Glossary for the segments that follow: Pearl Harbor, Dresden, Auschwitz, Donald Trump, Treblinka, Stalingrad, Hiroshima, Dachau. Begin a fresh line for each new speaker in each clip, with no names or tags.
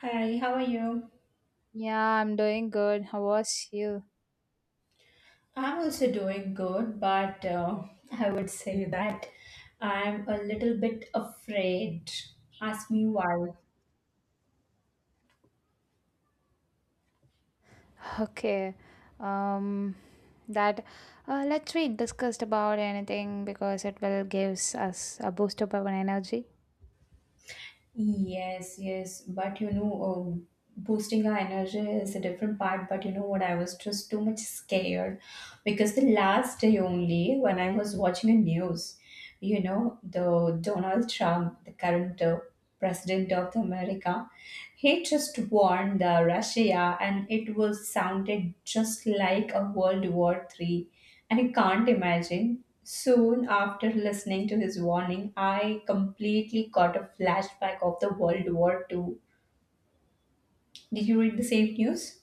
Hi, how are you?
Yeah, I'm doing good. How was you?
I'm also doing good, but I would say that I'm a little bit afraid. Ask me why.
Okay. Um that let's we discussed about anything because it will gives us a boost of our energy.
Yes, yes, but boosting our energy is a different part. But you know what? I was just too much scared because the last day only when I was watching the news, you know, the Donald Trump, the current president of America, he just warned Russia, and it was sounded just like a World War Three, and I can't imagine. Soon after listening to his warning, I completely got a flashback of the World War Two. Did you read the same news?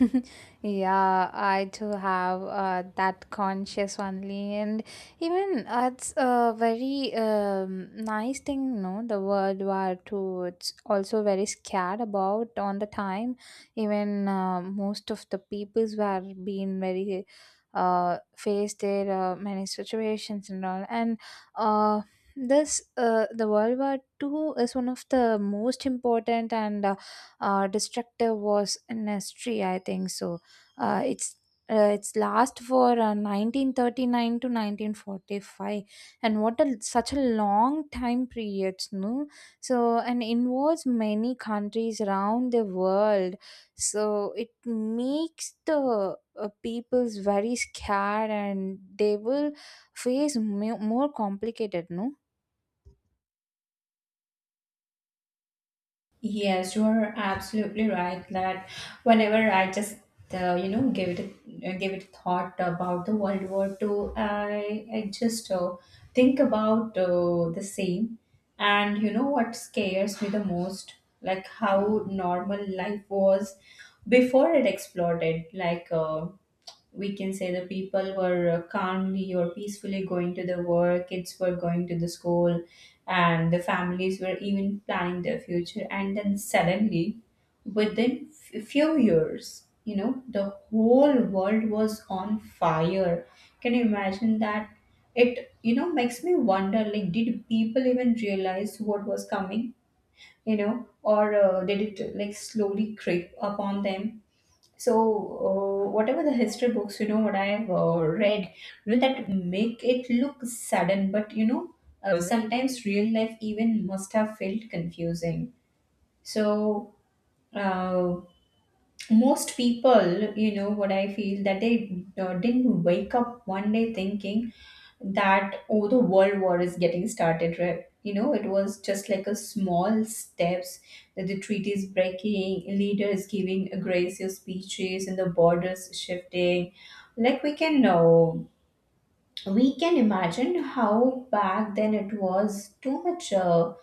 yeah, I too have that conscious only, and even it's a very nice thing, no? The World War Two. It's also very scared about on the time. Even most of the peoples were being very faced their many situations and all, and uh, this the World War Two is one of the most important and destructive was an history I think so. uh, it's it's last for 1939 to 1945. And what a such a long time period, no? So and involves many countries around the world. So it makes the people's very scared and they will face more complicated, no?
Yes, you are absolutely right that whenever I just you know, give it a thought about the World War Two, I just think about the same, and you know what scares me the most, like how normal life was before it exploded. Like we can say the people were calmly or peacefully going to the work, kids were going to the school, and the families were even planning their future, and then suddenly within few years, you know, the whole world was on fire. Can you imagine that? It, you know, makes me wonder, like, did people even realize what was coming? You know, or did it like slowly creep upon them? So, whatever the history books, you know, what I have read, you know, that make it look sudden, but you know, sometimes real life even must have felt confusing. So, uh, most people, you know, what I feel, that they didn't wake up one day thinking that, oh, the world war is getting started, right? You know, it was just like a small steps, that the treaties breaking, leaders giving aggressive speeches, and the borders shifting. Like, we can know, we can imagine how back then it was too much uh,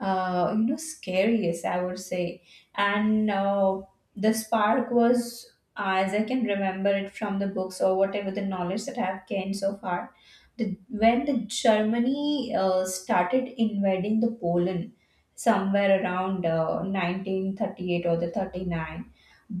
uh, you know, scariest, I would say. And the spark was, as I can remember it from the books or whatever the knowledge that I have gained so far, the, when the germany started invading the poland somewhere around 1938 or the 39.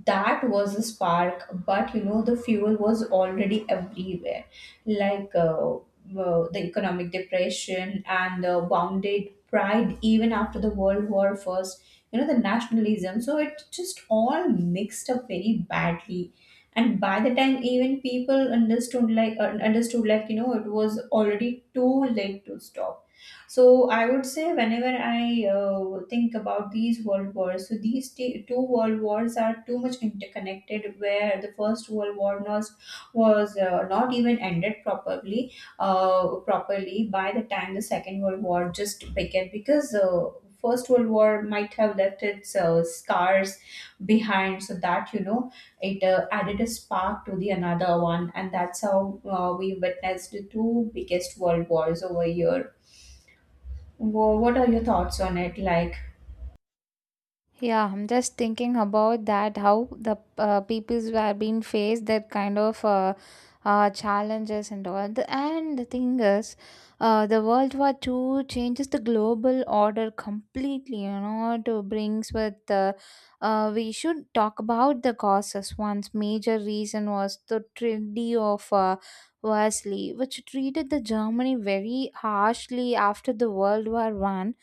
That was the spark, but you know, the fuel was already everywhere. Like the economic depression and the wounded pride even after the world war first, you know, the nationalism, so it just all mixed up very badly. And by the time even people understood, like, you know, it was already too late to stop. So I would say, whenever I think about these world wars, so these two world wars are too much interconnected. Where the first world war was not even ended properly, properly, by the time the second world war just began, because first world war might have left its scars behind, so that, you know, it added a spark to the another one, and that's how we witnessed the two biggest world wars over here. What are your thoughts on it, like?
Yeah, I'm just thinking about that how the peoples were being faced that kind of challenges and all. The, and the thing is, the World War Two changes the global order completely. You know, to brings with we should talk about the causes. One's major reason was the Treaty of Versailles, which treated the Germany very harshly after the World War One.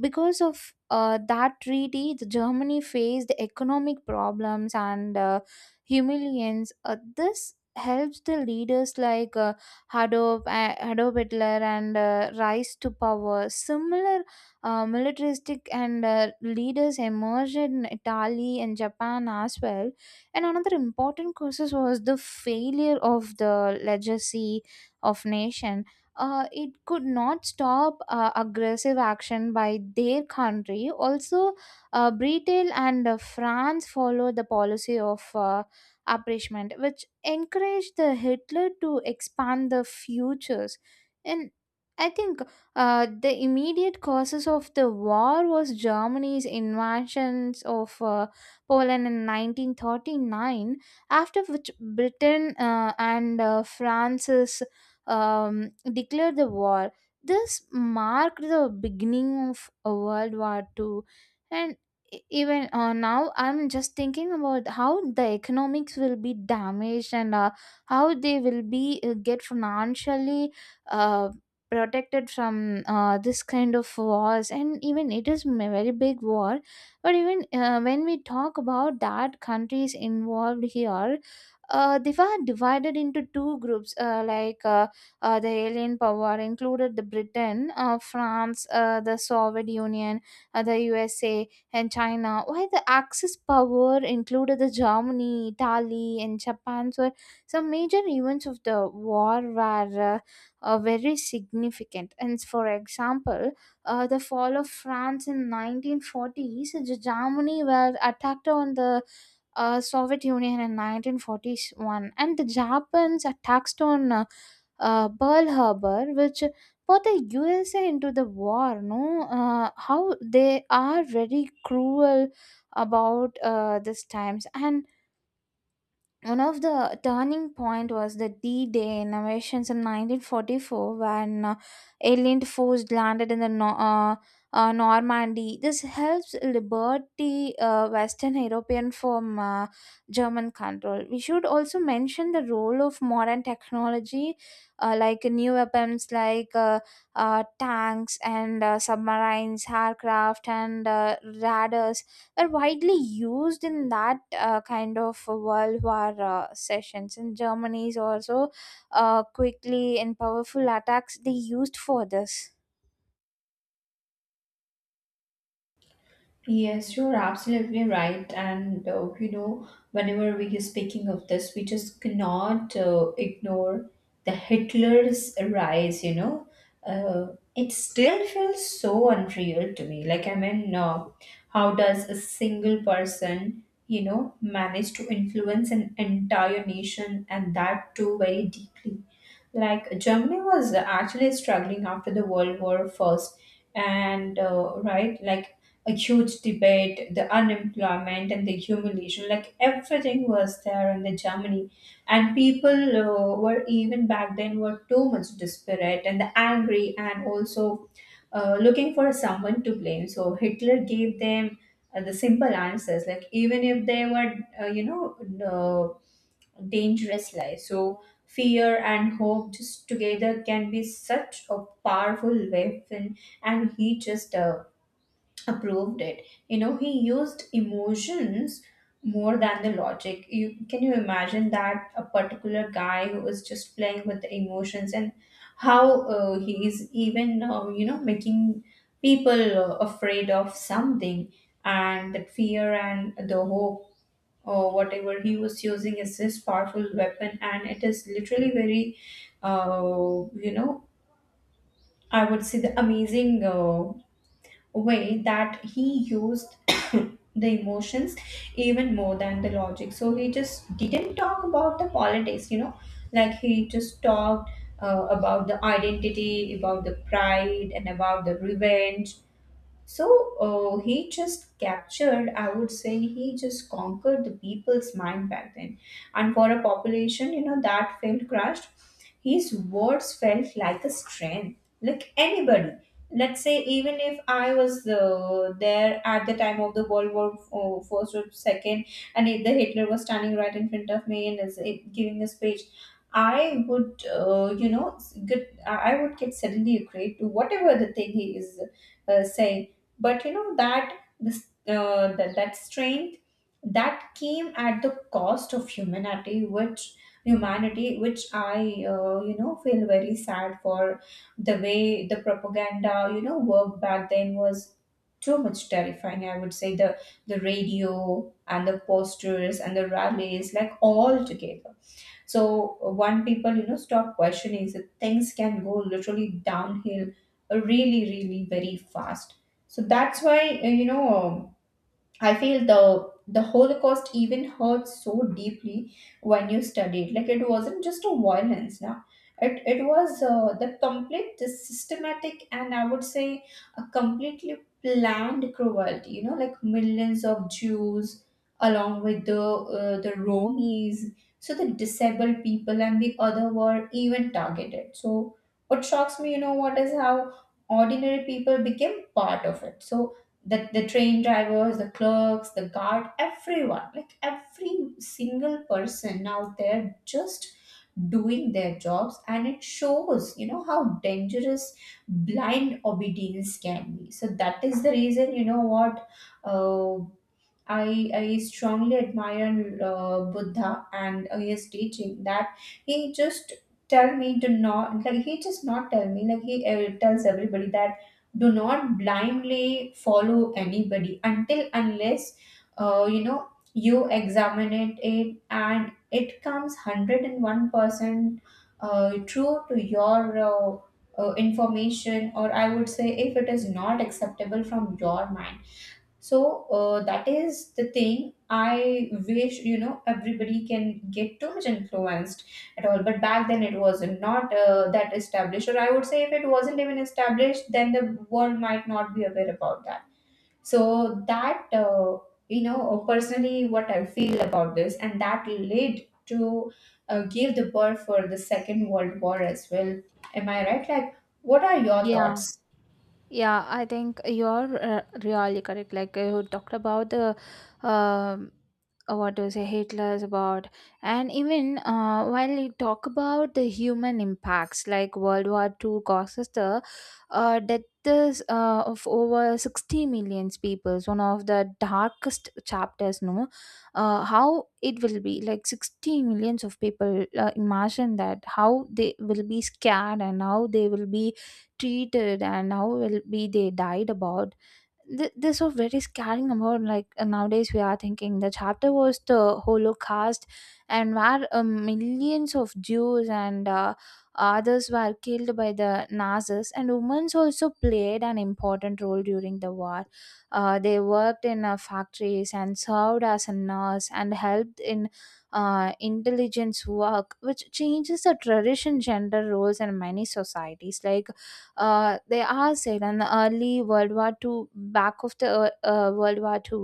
Because of that treaty, the Germany faced economic problems and humiliations. This helps the leaders like Adolf Hitler and rise to power. Similar militaristic and leaders emerged in Italy and Japan as well. And another important causes was the failure of the legacy of nation. It could not stop aggressive action by their country. Also, Britain and France followed the policy of appreciation, which encouraged the Hitler to expand the futures. And I think the immediate causes of the war was Germany's invasions of Poland in 1939, after which Britain and France's declared the war. This marked the beginning of a World War Two, and e- even now, I'm just thinking about how the economics will be damaged and how they will be get financially uh, protected from this kind of wars. And even it is a very big war, but even when we talk about that countries involved here, they were divided into two groups the alien power included the Britain, France, the Soviet Union, the USA, and China. While the Axis power included the Germany, Italy, and Japan. So some major events of the war were very significant. And for example, the fall of France in 1940s, the Germany were attacked on the Soviet Union in 1941, and the Japan's attacks on Pearl Harbor, which put the USA into the war. No, how they are very cruel about these times, and one of the turning point was the D-Day innovations in 1944 when alien force landed in the Normandy. This helps liberty Western European from German control. We should also mention the role of modern technology like new weapons like tanks and submarines, aircraft and radars are widely used in that kind of world war sessions. And germany is also quickly and powerful attacks they used for this.
Yes, you're absolutely right. And you know, whenever we are speaking of this, we just cannot ignore the Hitler's rise. You know, it still feels so unreal to me. Like, I mean, how does a single person, you know, manage to influence an entire nation, and that too very deeply? Like, Germany was actually struggling after the World War First, and right, like a huge debate, the unemployment and the humiliation, like everything was there in the Germany, and people were even back then were too much desperate and angry, and also looking for someone to blame. So Hitler gave them the simple answers, like, even if they were, you know, uh, dangerous life. So fear and hope just together can be such a powerful weapon, and he just approved it. You know, he used emotions more than the logic. You can, you imagine that a particular guy who was just playing with the emotions, and how he is even, you know, making people afraid of something, and that fear and the hope or whatever he was using is his powerful weapon, and it is literally very you know, I would say the amazing way that he used the emotions even more than the logic. So he just didn't talk about the politics, you know, like, he just talked about the identity, about the pride, and about the revenge. So he just captured, I would say, he just conquered the people's mind back then. And for a population, you know, that felt crushed, his words felt like a strength. Like, anybody, let's say, even if I was there at the time of the World War First or Second, and if the Hitler was standing right in front of me and is giving a speech, I would, you know, get, I would get suddenly agreed to whatever the thing he is saying. But you know that that strength that came at the cost of humanity, which humanity, which I, you know, feel very sad for. The way the propaganda, you know, worked back then was too much terrifying, I would say, the radio and the posters and the rallies, like, all together. So one people, you know, stop questioning, so things can go literally downhill really, really very fast. So that's why, I feel the Holocaust even hurt so deeply when you study it. Like, it wasn't just a violence, now. It was the complete, the systematic, and I would say a completely planned cruelty. You know, like, millions of Jews along with the Romanies, so the disabled people and the other were even targeted. So what shocks me, you know, what, is how ordinary people became part of it. So the train drivers, the clerks, the guard, everyone, like, every single person out there just doing their jobs. And it shows, you know, how dangerous blind obedience can be. So that is the reason, you know, what, uh, I strongly admire Buddha and his teaching, that he just tell me to not, like, he just not tell me, like, he tells everybody that do not blindly follow anybody until unless you know, you examine it, it and it comes 101% true to your information, or I would say, if it is not acceptable from your mind. So that is the thing. I wish, you know, everybody can get too much influenced at all. But back then it was not that established, or I would say, if it wasn't even established, then the world might not be aware about that. So that, you know, personally, what I feel about this, and that led to give the birth for the Second World War as well. Am I right? Like, what are your
Yeah,
thoughts?
Yeah, I think you're really correct. Like you talked about the um what do you say Hitler's about, and even while you talk about the human impacts, like World War Two causes the deaths of over 60 million people. One of the darkest chapters, no, how it will be like 60 millions of people. Imagine that how they will be scared and how they will be treated and how will be they died about. This was very scaring about. Like nowadays we are thinking the chapter was the holocaust, and where millions of jews and others were killed by the nazis. And women also played an important role during the war. They worked in factories and served as a nurse and helped in intelligence work, which changes the tradition gender roles in many societies. Like they are said in early World War Two, back of the World War Two,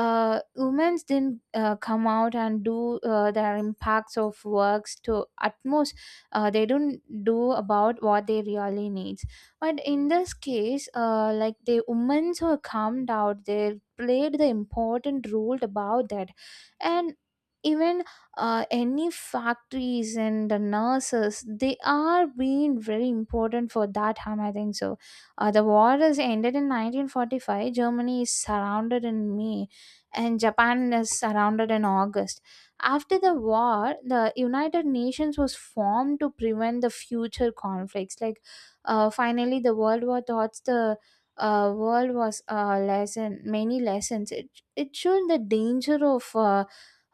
Women didn't come out and do their impacts of works to utmost. They don't do about what they really needs. But in this case, like the women who come out, they played the important role about that, and even any factories and the nurses they are being very important for that harm, I think so. The war is ended in 1945. Germany is surrounded in may, and japan is surrounded in august. After the war, the united nations was formed to prevent the future conflicts. Like finally, the world war thoughts the world was a lesson, many lessons. It showed the danger of uh,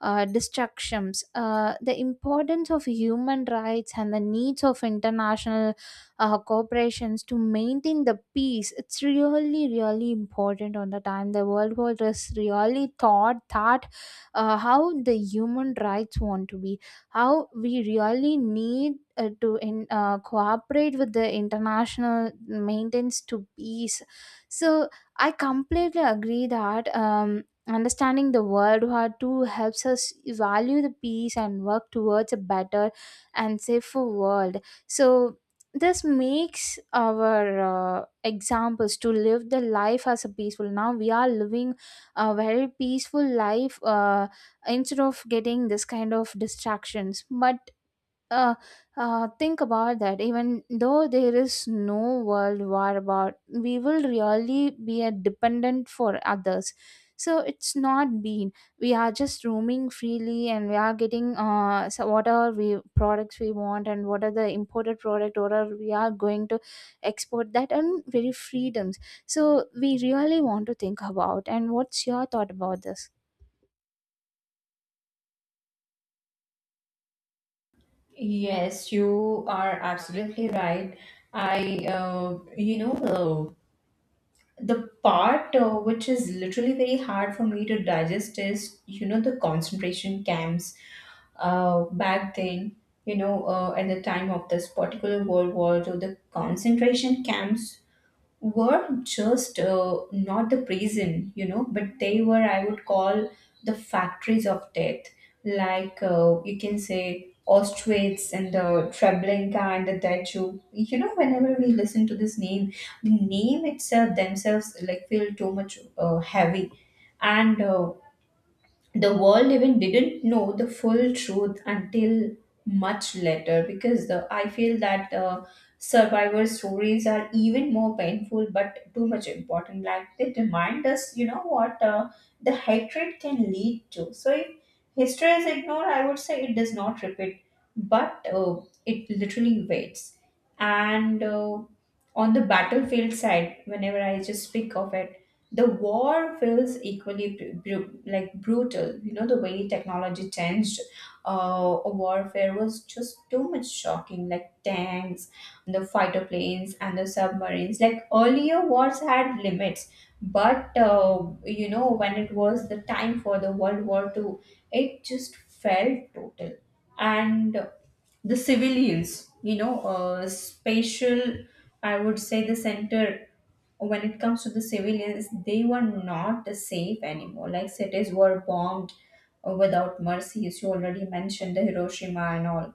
uh, distractions, the importance of human rights and the needs of international corporations to maintain the peace. It's really, really important on the time. The World War is really thought that how the human rights want to be, how we really need to cooperate with the international maintenance to peace. So I completely agree that. Understanding the world war II helps us value the peace and work towards a better and safer world. So this makes our examples to live the life as a peaceful. Now, we are living a very peaceful life instead of getting this kind of distractions. But uh, think about that. Even though there is no world war about, we will really be a dependent for others. So it's not been. We are just roaming freely, and we are getting so what are we products we want, and what are the imported product, what are we are going to export that, and very freedoms. So we really want to think about. And what's your thought about this?
Yes, you are absolutely right. I, you know, the part which is literally very hard for me to digest is, you know, the concentration camps back then, you know, at the time of this particular World War II, the concentration camps were just not the prison, you know, but they were, I would call, the factories of death. Like, you can say Auschwitz and the Treblinka and the Dachau. You know, whenever we listen to this name, the name itself themselves like feel too much heavy. And the world even didn't know the full truth until much later, because the, I feel that survivor stories are even more painful but too much important. Like, they remind us, you know, what the hatred can lead to. So if history is ignored, I would say it does not repeat, but it literally waits. And on the battlefield side, whenever I just speak of it, the war feels equally like brutal. You know, the way technology changed warfare was just too much shocking, like tanks, the fighter planes, and the submarines. Like, earlier, wars had limits, but you know, when it was the time for the World War Two, it just felt total. And the civilians, you know, spatial, I would say the center, when it comes to the civilians, they were not safe anymore. Like, cities were bombed without mercy, as you already mentioned, the Hiroshima and all.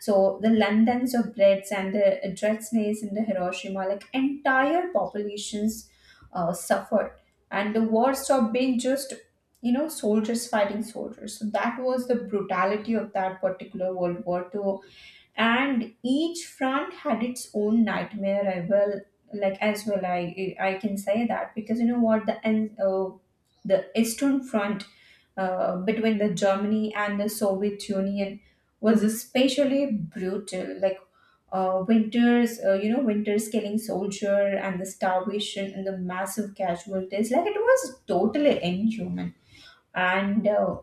So the Londons of Brits and the Dresdens and the Hiroshima, like, entire populations suffered, and the war stopped being just, you know, soldiers fighting soldiers. So that was the brutality of that particular World War Two. And each front had its own nightmare. I will, like, as well, I can say that because you know what, the eastern front, between the Germany and the Soviet Union, was especially brutal. Like winters, you know, winters killing soldier and the starvation and the massive casualties. Like it was totally inhuman. And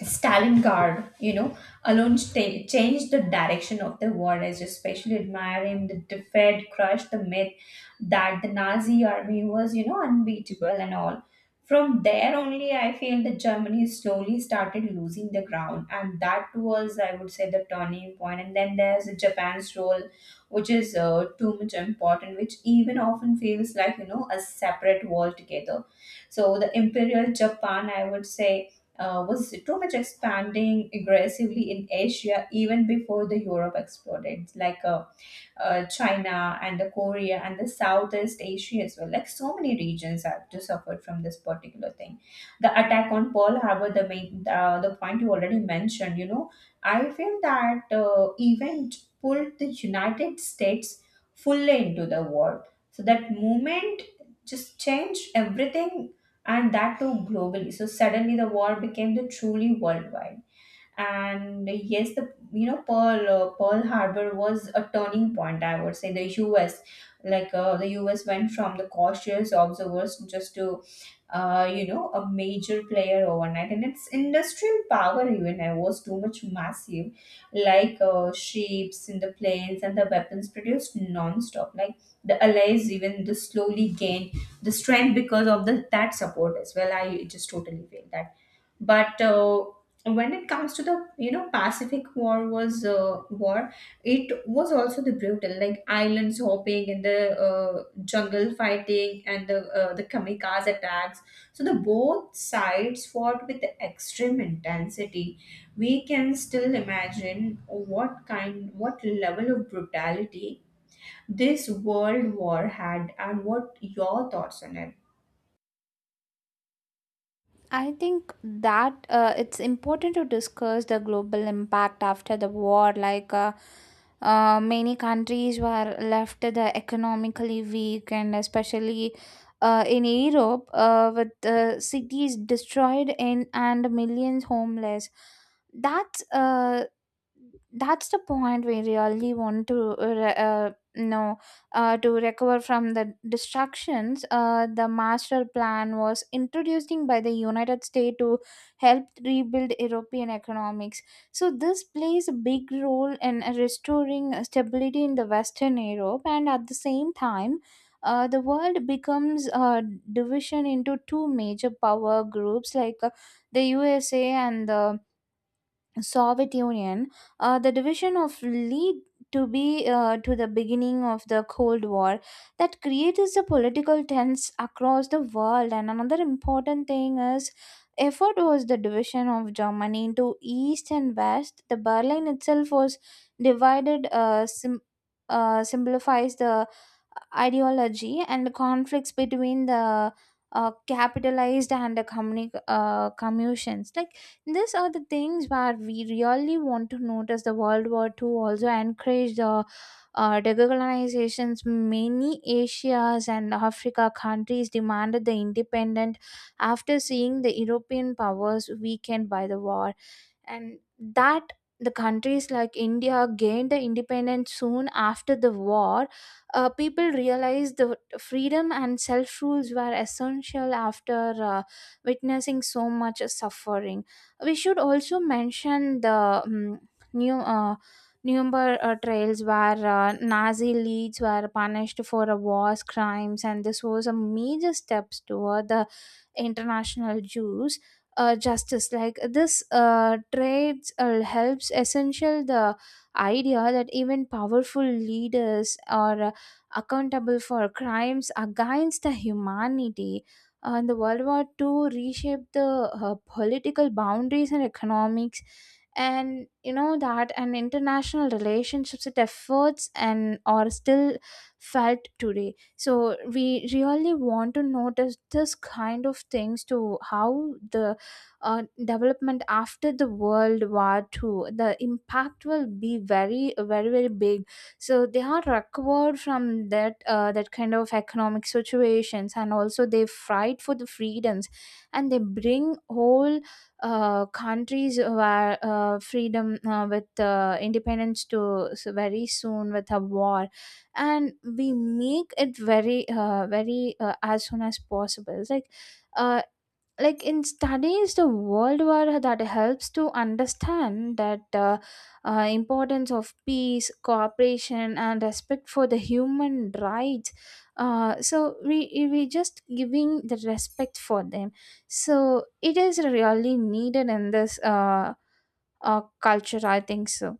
Stalingrad, you know, alone changed the direction of the war. I especially admire him. The defeat crushed the myth that the Nazi army was unbeatable and all. From there only, I feel that Germany slowly started losing the ground, and that was, I would say, the turning point. And then there's Japan's role, which is too much important, which even often feels like a separate world together. So the imperial Japan, I would say, was too much expanding aggressively in Asia even before the Europe exploded. Like China and the Korea and the Southeast Asia as well. Like so many regions have to suffer from this particular thing. The attack on Pearl Harbor, the main the point you already mentioned. You know, I feel that event pulled the United States fully into the war. So that movement just changed everything, and that too globally. So suddenly the war became the truly worldwide. And yes, the Pearl pearl harbor was a turning point. I would say the US, like, the US went from the cautious observers just to you know, a major player overnight. And its industrial power even I was too much massive, like ships and the planes and the weapons produced non-stop. Like the allies even the slowly gained the strength because of the that support as well. I just totally feel that. But when it comes to the Pacific war was war, it was also the brutal, like islands hopping and the jungle fighting and the kamikaze attacks. So the both sides fought with extreme intensity. We can still imagine what kind, what level of brutality this world war had. And what your thoughts on it?
I think that it's important to discuss the global impact after the war. Like many countries were left the economically weak, and especially in Europe, with cities destroyed and millions homeless. That's uh, that's the point we really want to know, to recover from the destructions. The master plan was introduced by the United States to help rebuild European economics. So this plays a big role in restoring stability in the Western Europe, and at the same time, the world becomes a division into two major power groups, like the USA and the Soviet Union. The division of lead to be to the beginning of the Cold War that creates the political tense across the world. And another important thing is effort was the division of Germany into East and West. The Berlin itself was divided. Simplifies the ideology and the conflicts between the capitalized and the communes. Like these are the things where we really want to notice. The World War II also encouraged the decolonizations. Many Asia's and Africa countries demanded the independent after seeing the European powers weakened by the war. And that the countries like india gained the independence soon after the war. People realized the freedom and self rules were essential after witnessing so much suffering. We should also mention the new Nuremberg trials where Nazi leads were punished for war crimes, and this was a major step toward the international Jews justice. Like this trades helps essential the idea that even powerful leaders are accountable for crimes against the humanity. And the world war Two reshaped the political boundaries and economics and you know that and international relationships and efforts, and are still felt today. So we really want to notice this kind of things to how the development after the world war ii, the impact will be very very very big. So they are recovered from that that kind of economic situations, and also they fight for the freedoms, and they bring whole countries where freedom with independence to. So very soon with a war, and we make it very very as soon as possible. It's uh, like in studies, the world war that helps to understand that importance of peace, cooperation and respect for the human rights. So we just giving the respect for them. So it is really needed in this culture, I think so.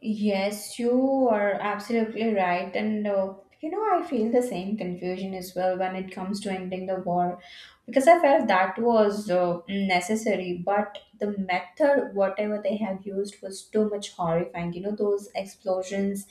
Yes, you are absolutely right. And you know, I feel the same confusion as well when it comes to ending the war because I felt that was necessary, but the method, whatever they have used, was too much horrifying. You know, those explosions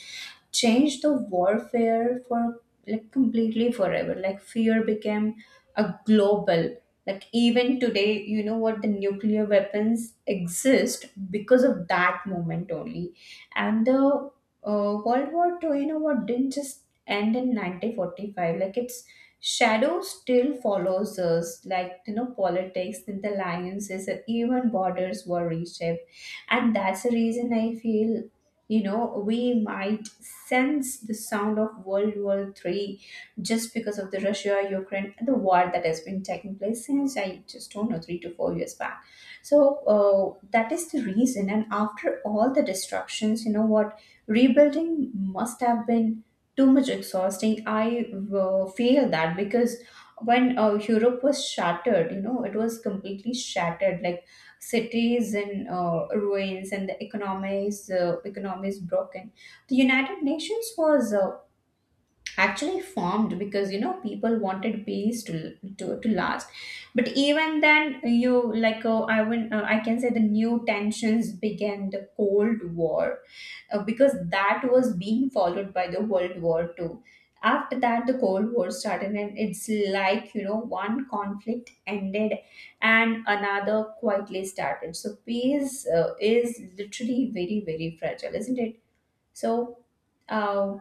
changed the warfare for, like, completely forever. Like, fear became a global. Like even today, you know what, the nuclear weapons exist because of that moment only. And the World War Two, you know what, didn't just end in 1945. Like its shadow still follows us. Like, you know, politics and the alliances, and even borders were reshaped. And that's the reason I feel, we might sense the sound of World War Three just because of the Russia Ukraine the war that has been taking place since I just don't know 3 to 4 years back. So that is the reason. And after all the destructions, you know what? Rebuilding must have been too much exhausting. I feel that because when Europe was shattered, you know, it was completely shattered, like cities in ruins and the economies, economies broken. The United Nations was actually formed because you know people wanted peace to to last. But even then, you, like, I can say the new tensions began the Cold War because that was being followed by the World War Two. After that, the Cold War started, and it's like, you know, one conflict ended and another quietly started. So peace is literally very, very fragile, isn't it? So uh,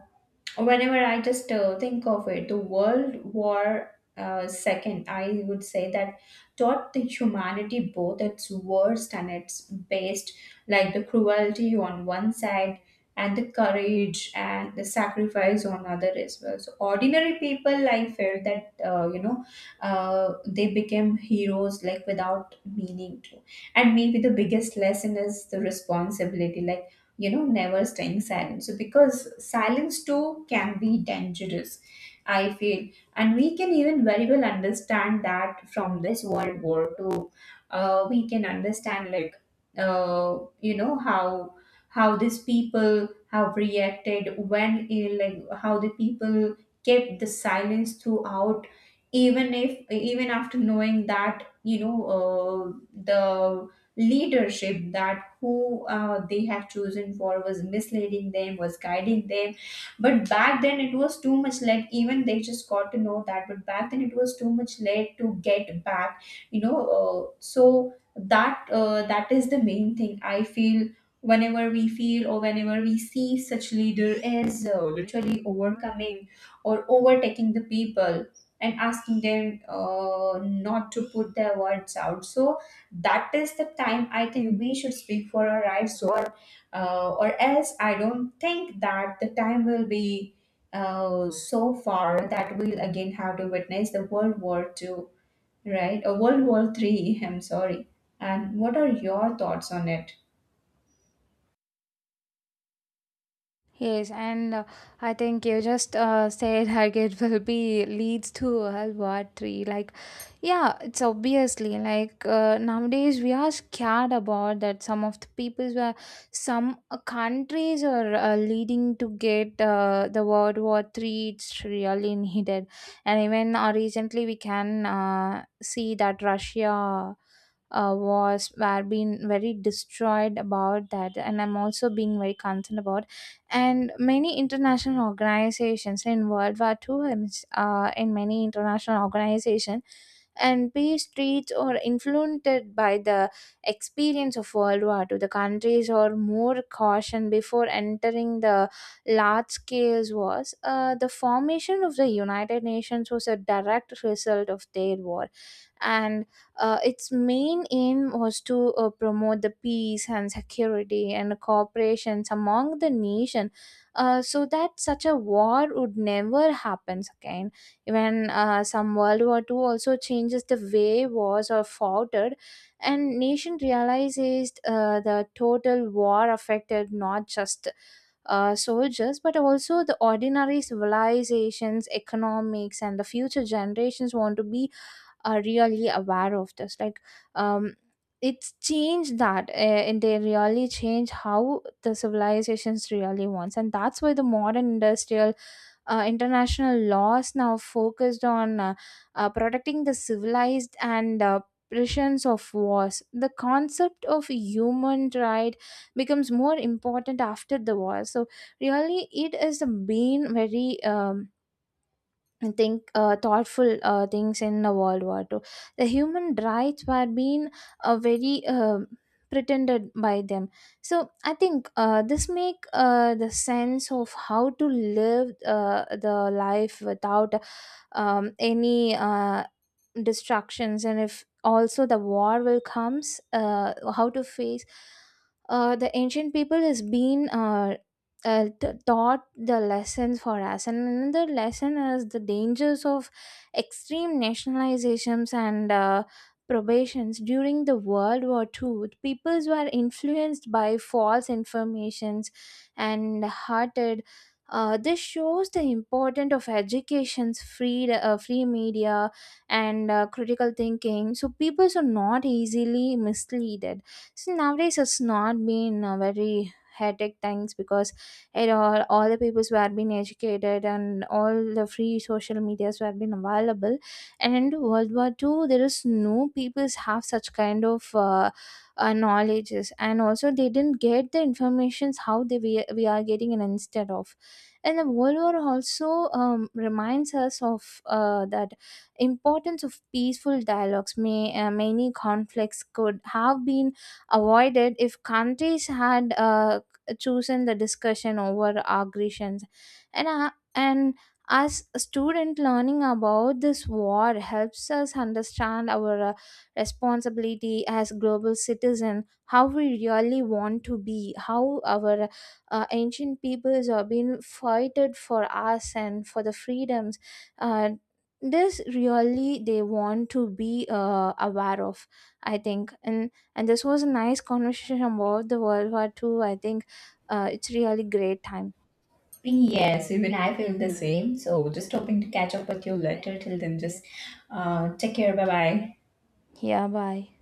whenever I just think of it, the World War Second, I would say that taught the humanity both its worst and its best, like the cruelty on one side and the courage and the sacrifice on other as well. So ordinary people, I felt that you know, they became heroes like without meaning to. And maybe the biggest lesson is the responsibility, like, you know, never staying silent. So because silence too can be dangerous, I feel. And we can even very well understand that from this World War Two. We can understand, like, you know, how these people have reacted when, like, how the people kept the silence throughout, even if, even after knowing that, the leadership that who they have chosen for was misleading them, was guiding them. But back then it was too much late, even they just got to know that, but back then it was too much late to get back. You know, so that, that is the main thing I feel. Whenever we feel or whenever we see such leader as literally overcoming or overtaking the people and asking them not to put their words out. So that is the time I think we should speak for our rights. Or or else, I don't think that the time will be so far that we'll again have to witness the World War Two, right? Or World War Three. I'm sorry. And what are your thoughts on it?
Yes, and I think you just said like it will be leads to a World Three. Like, yeah, it's obviously like nowadays we are scared about that. Some of the peoples were some countries are leading to get the World War Three. It's really needed, and even recently we can see that Russia was were being very destroyed about that, and I'm also being very concerned about and many international organizations in World War II, and, in many international organizations, and peace treats or influenced by the experience of World War Two. The countries are more caution before entering the large scale wars. The formation of the United Nations was a direct result of their war, and its main aim was to promote the peace and security and cooperations among the nation so that such a war would never happen again. Even some World War Two also changes the way wars are fought and nation realizes the total war affected not just soldiers, but also the ordinary civilizations, economics, and the future generations want to be are really aware of this like um it's changed that and they really change how the civilizations really wants, and that's why the modern industrial international laws now focused on protecting the civilized and oppressions of wars. The concept of human right becomes more important after the war, so really it is the been very and think thoughtful things in the World War II. The human rights were being very pretended by them. So I think this make the sense of how to live the life without any distractions, and if also the war will comes, how to face. The ancient people has been taught the lessons for us, and another lesson is the dangers of extreme nationalizations and probations during the world war Two. The peoples were influenced by false informations and hearted. Uh, this shows the importance of education's free free media and critical thinking, so people are not easily misled. So nowadays it's not been a very hectic things, because and all the peoples were being educated and all the free social medias were being available, and in world war Two, there is no peoples have such kind of knowledges, and also they didn't get the informations how they we are getting, and instead of and the world war also reminds us of that importance of peaceful dialogues. May many conflicts could have been avoided if countries had chosen the discussion over aggressions, and as a student, learning about this war helps us understand our responsibility as global citizen, how we really want to be, how our ancient peoples have been fighted for us and for the freedoms. Uh, this really they want to be aware of, I think. And this was a nice conversation about the world war Two. I think it's really great time.
Yes, even I feel the same. So just hoping to catch up with you later. Till then, just take care. Bye bye.
Yeah, bye.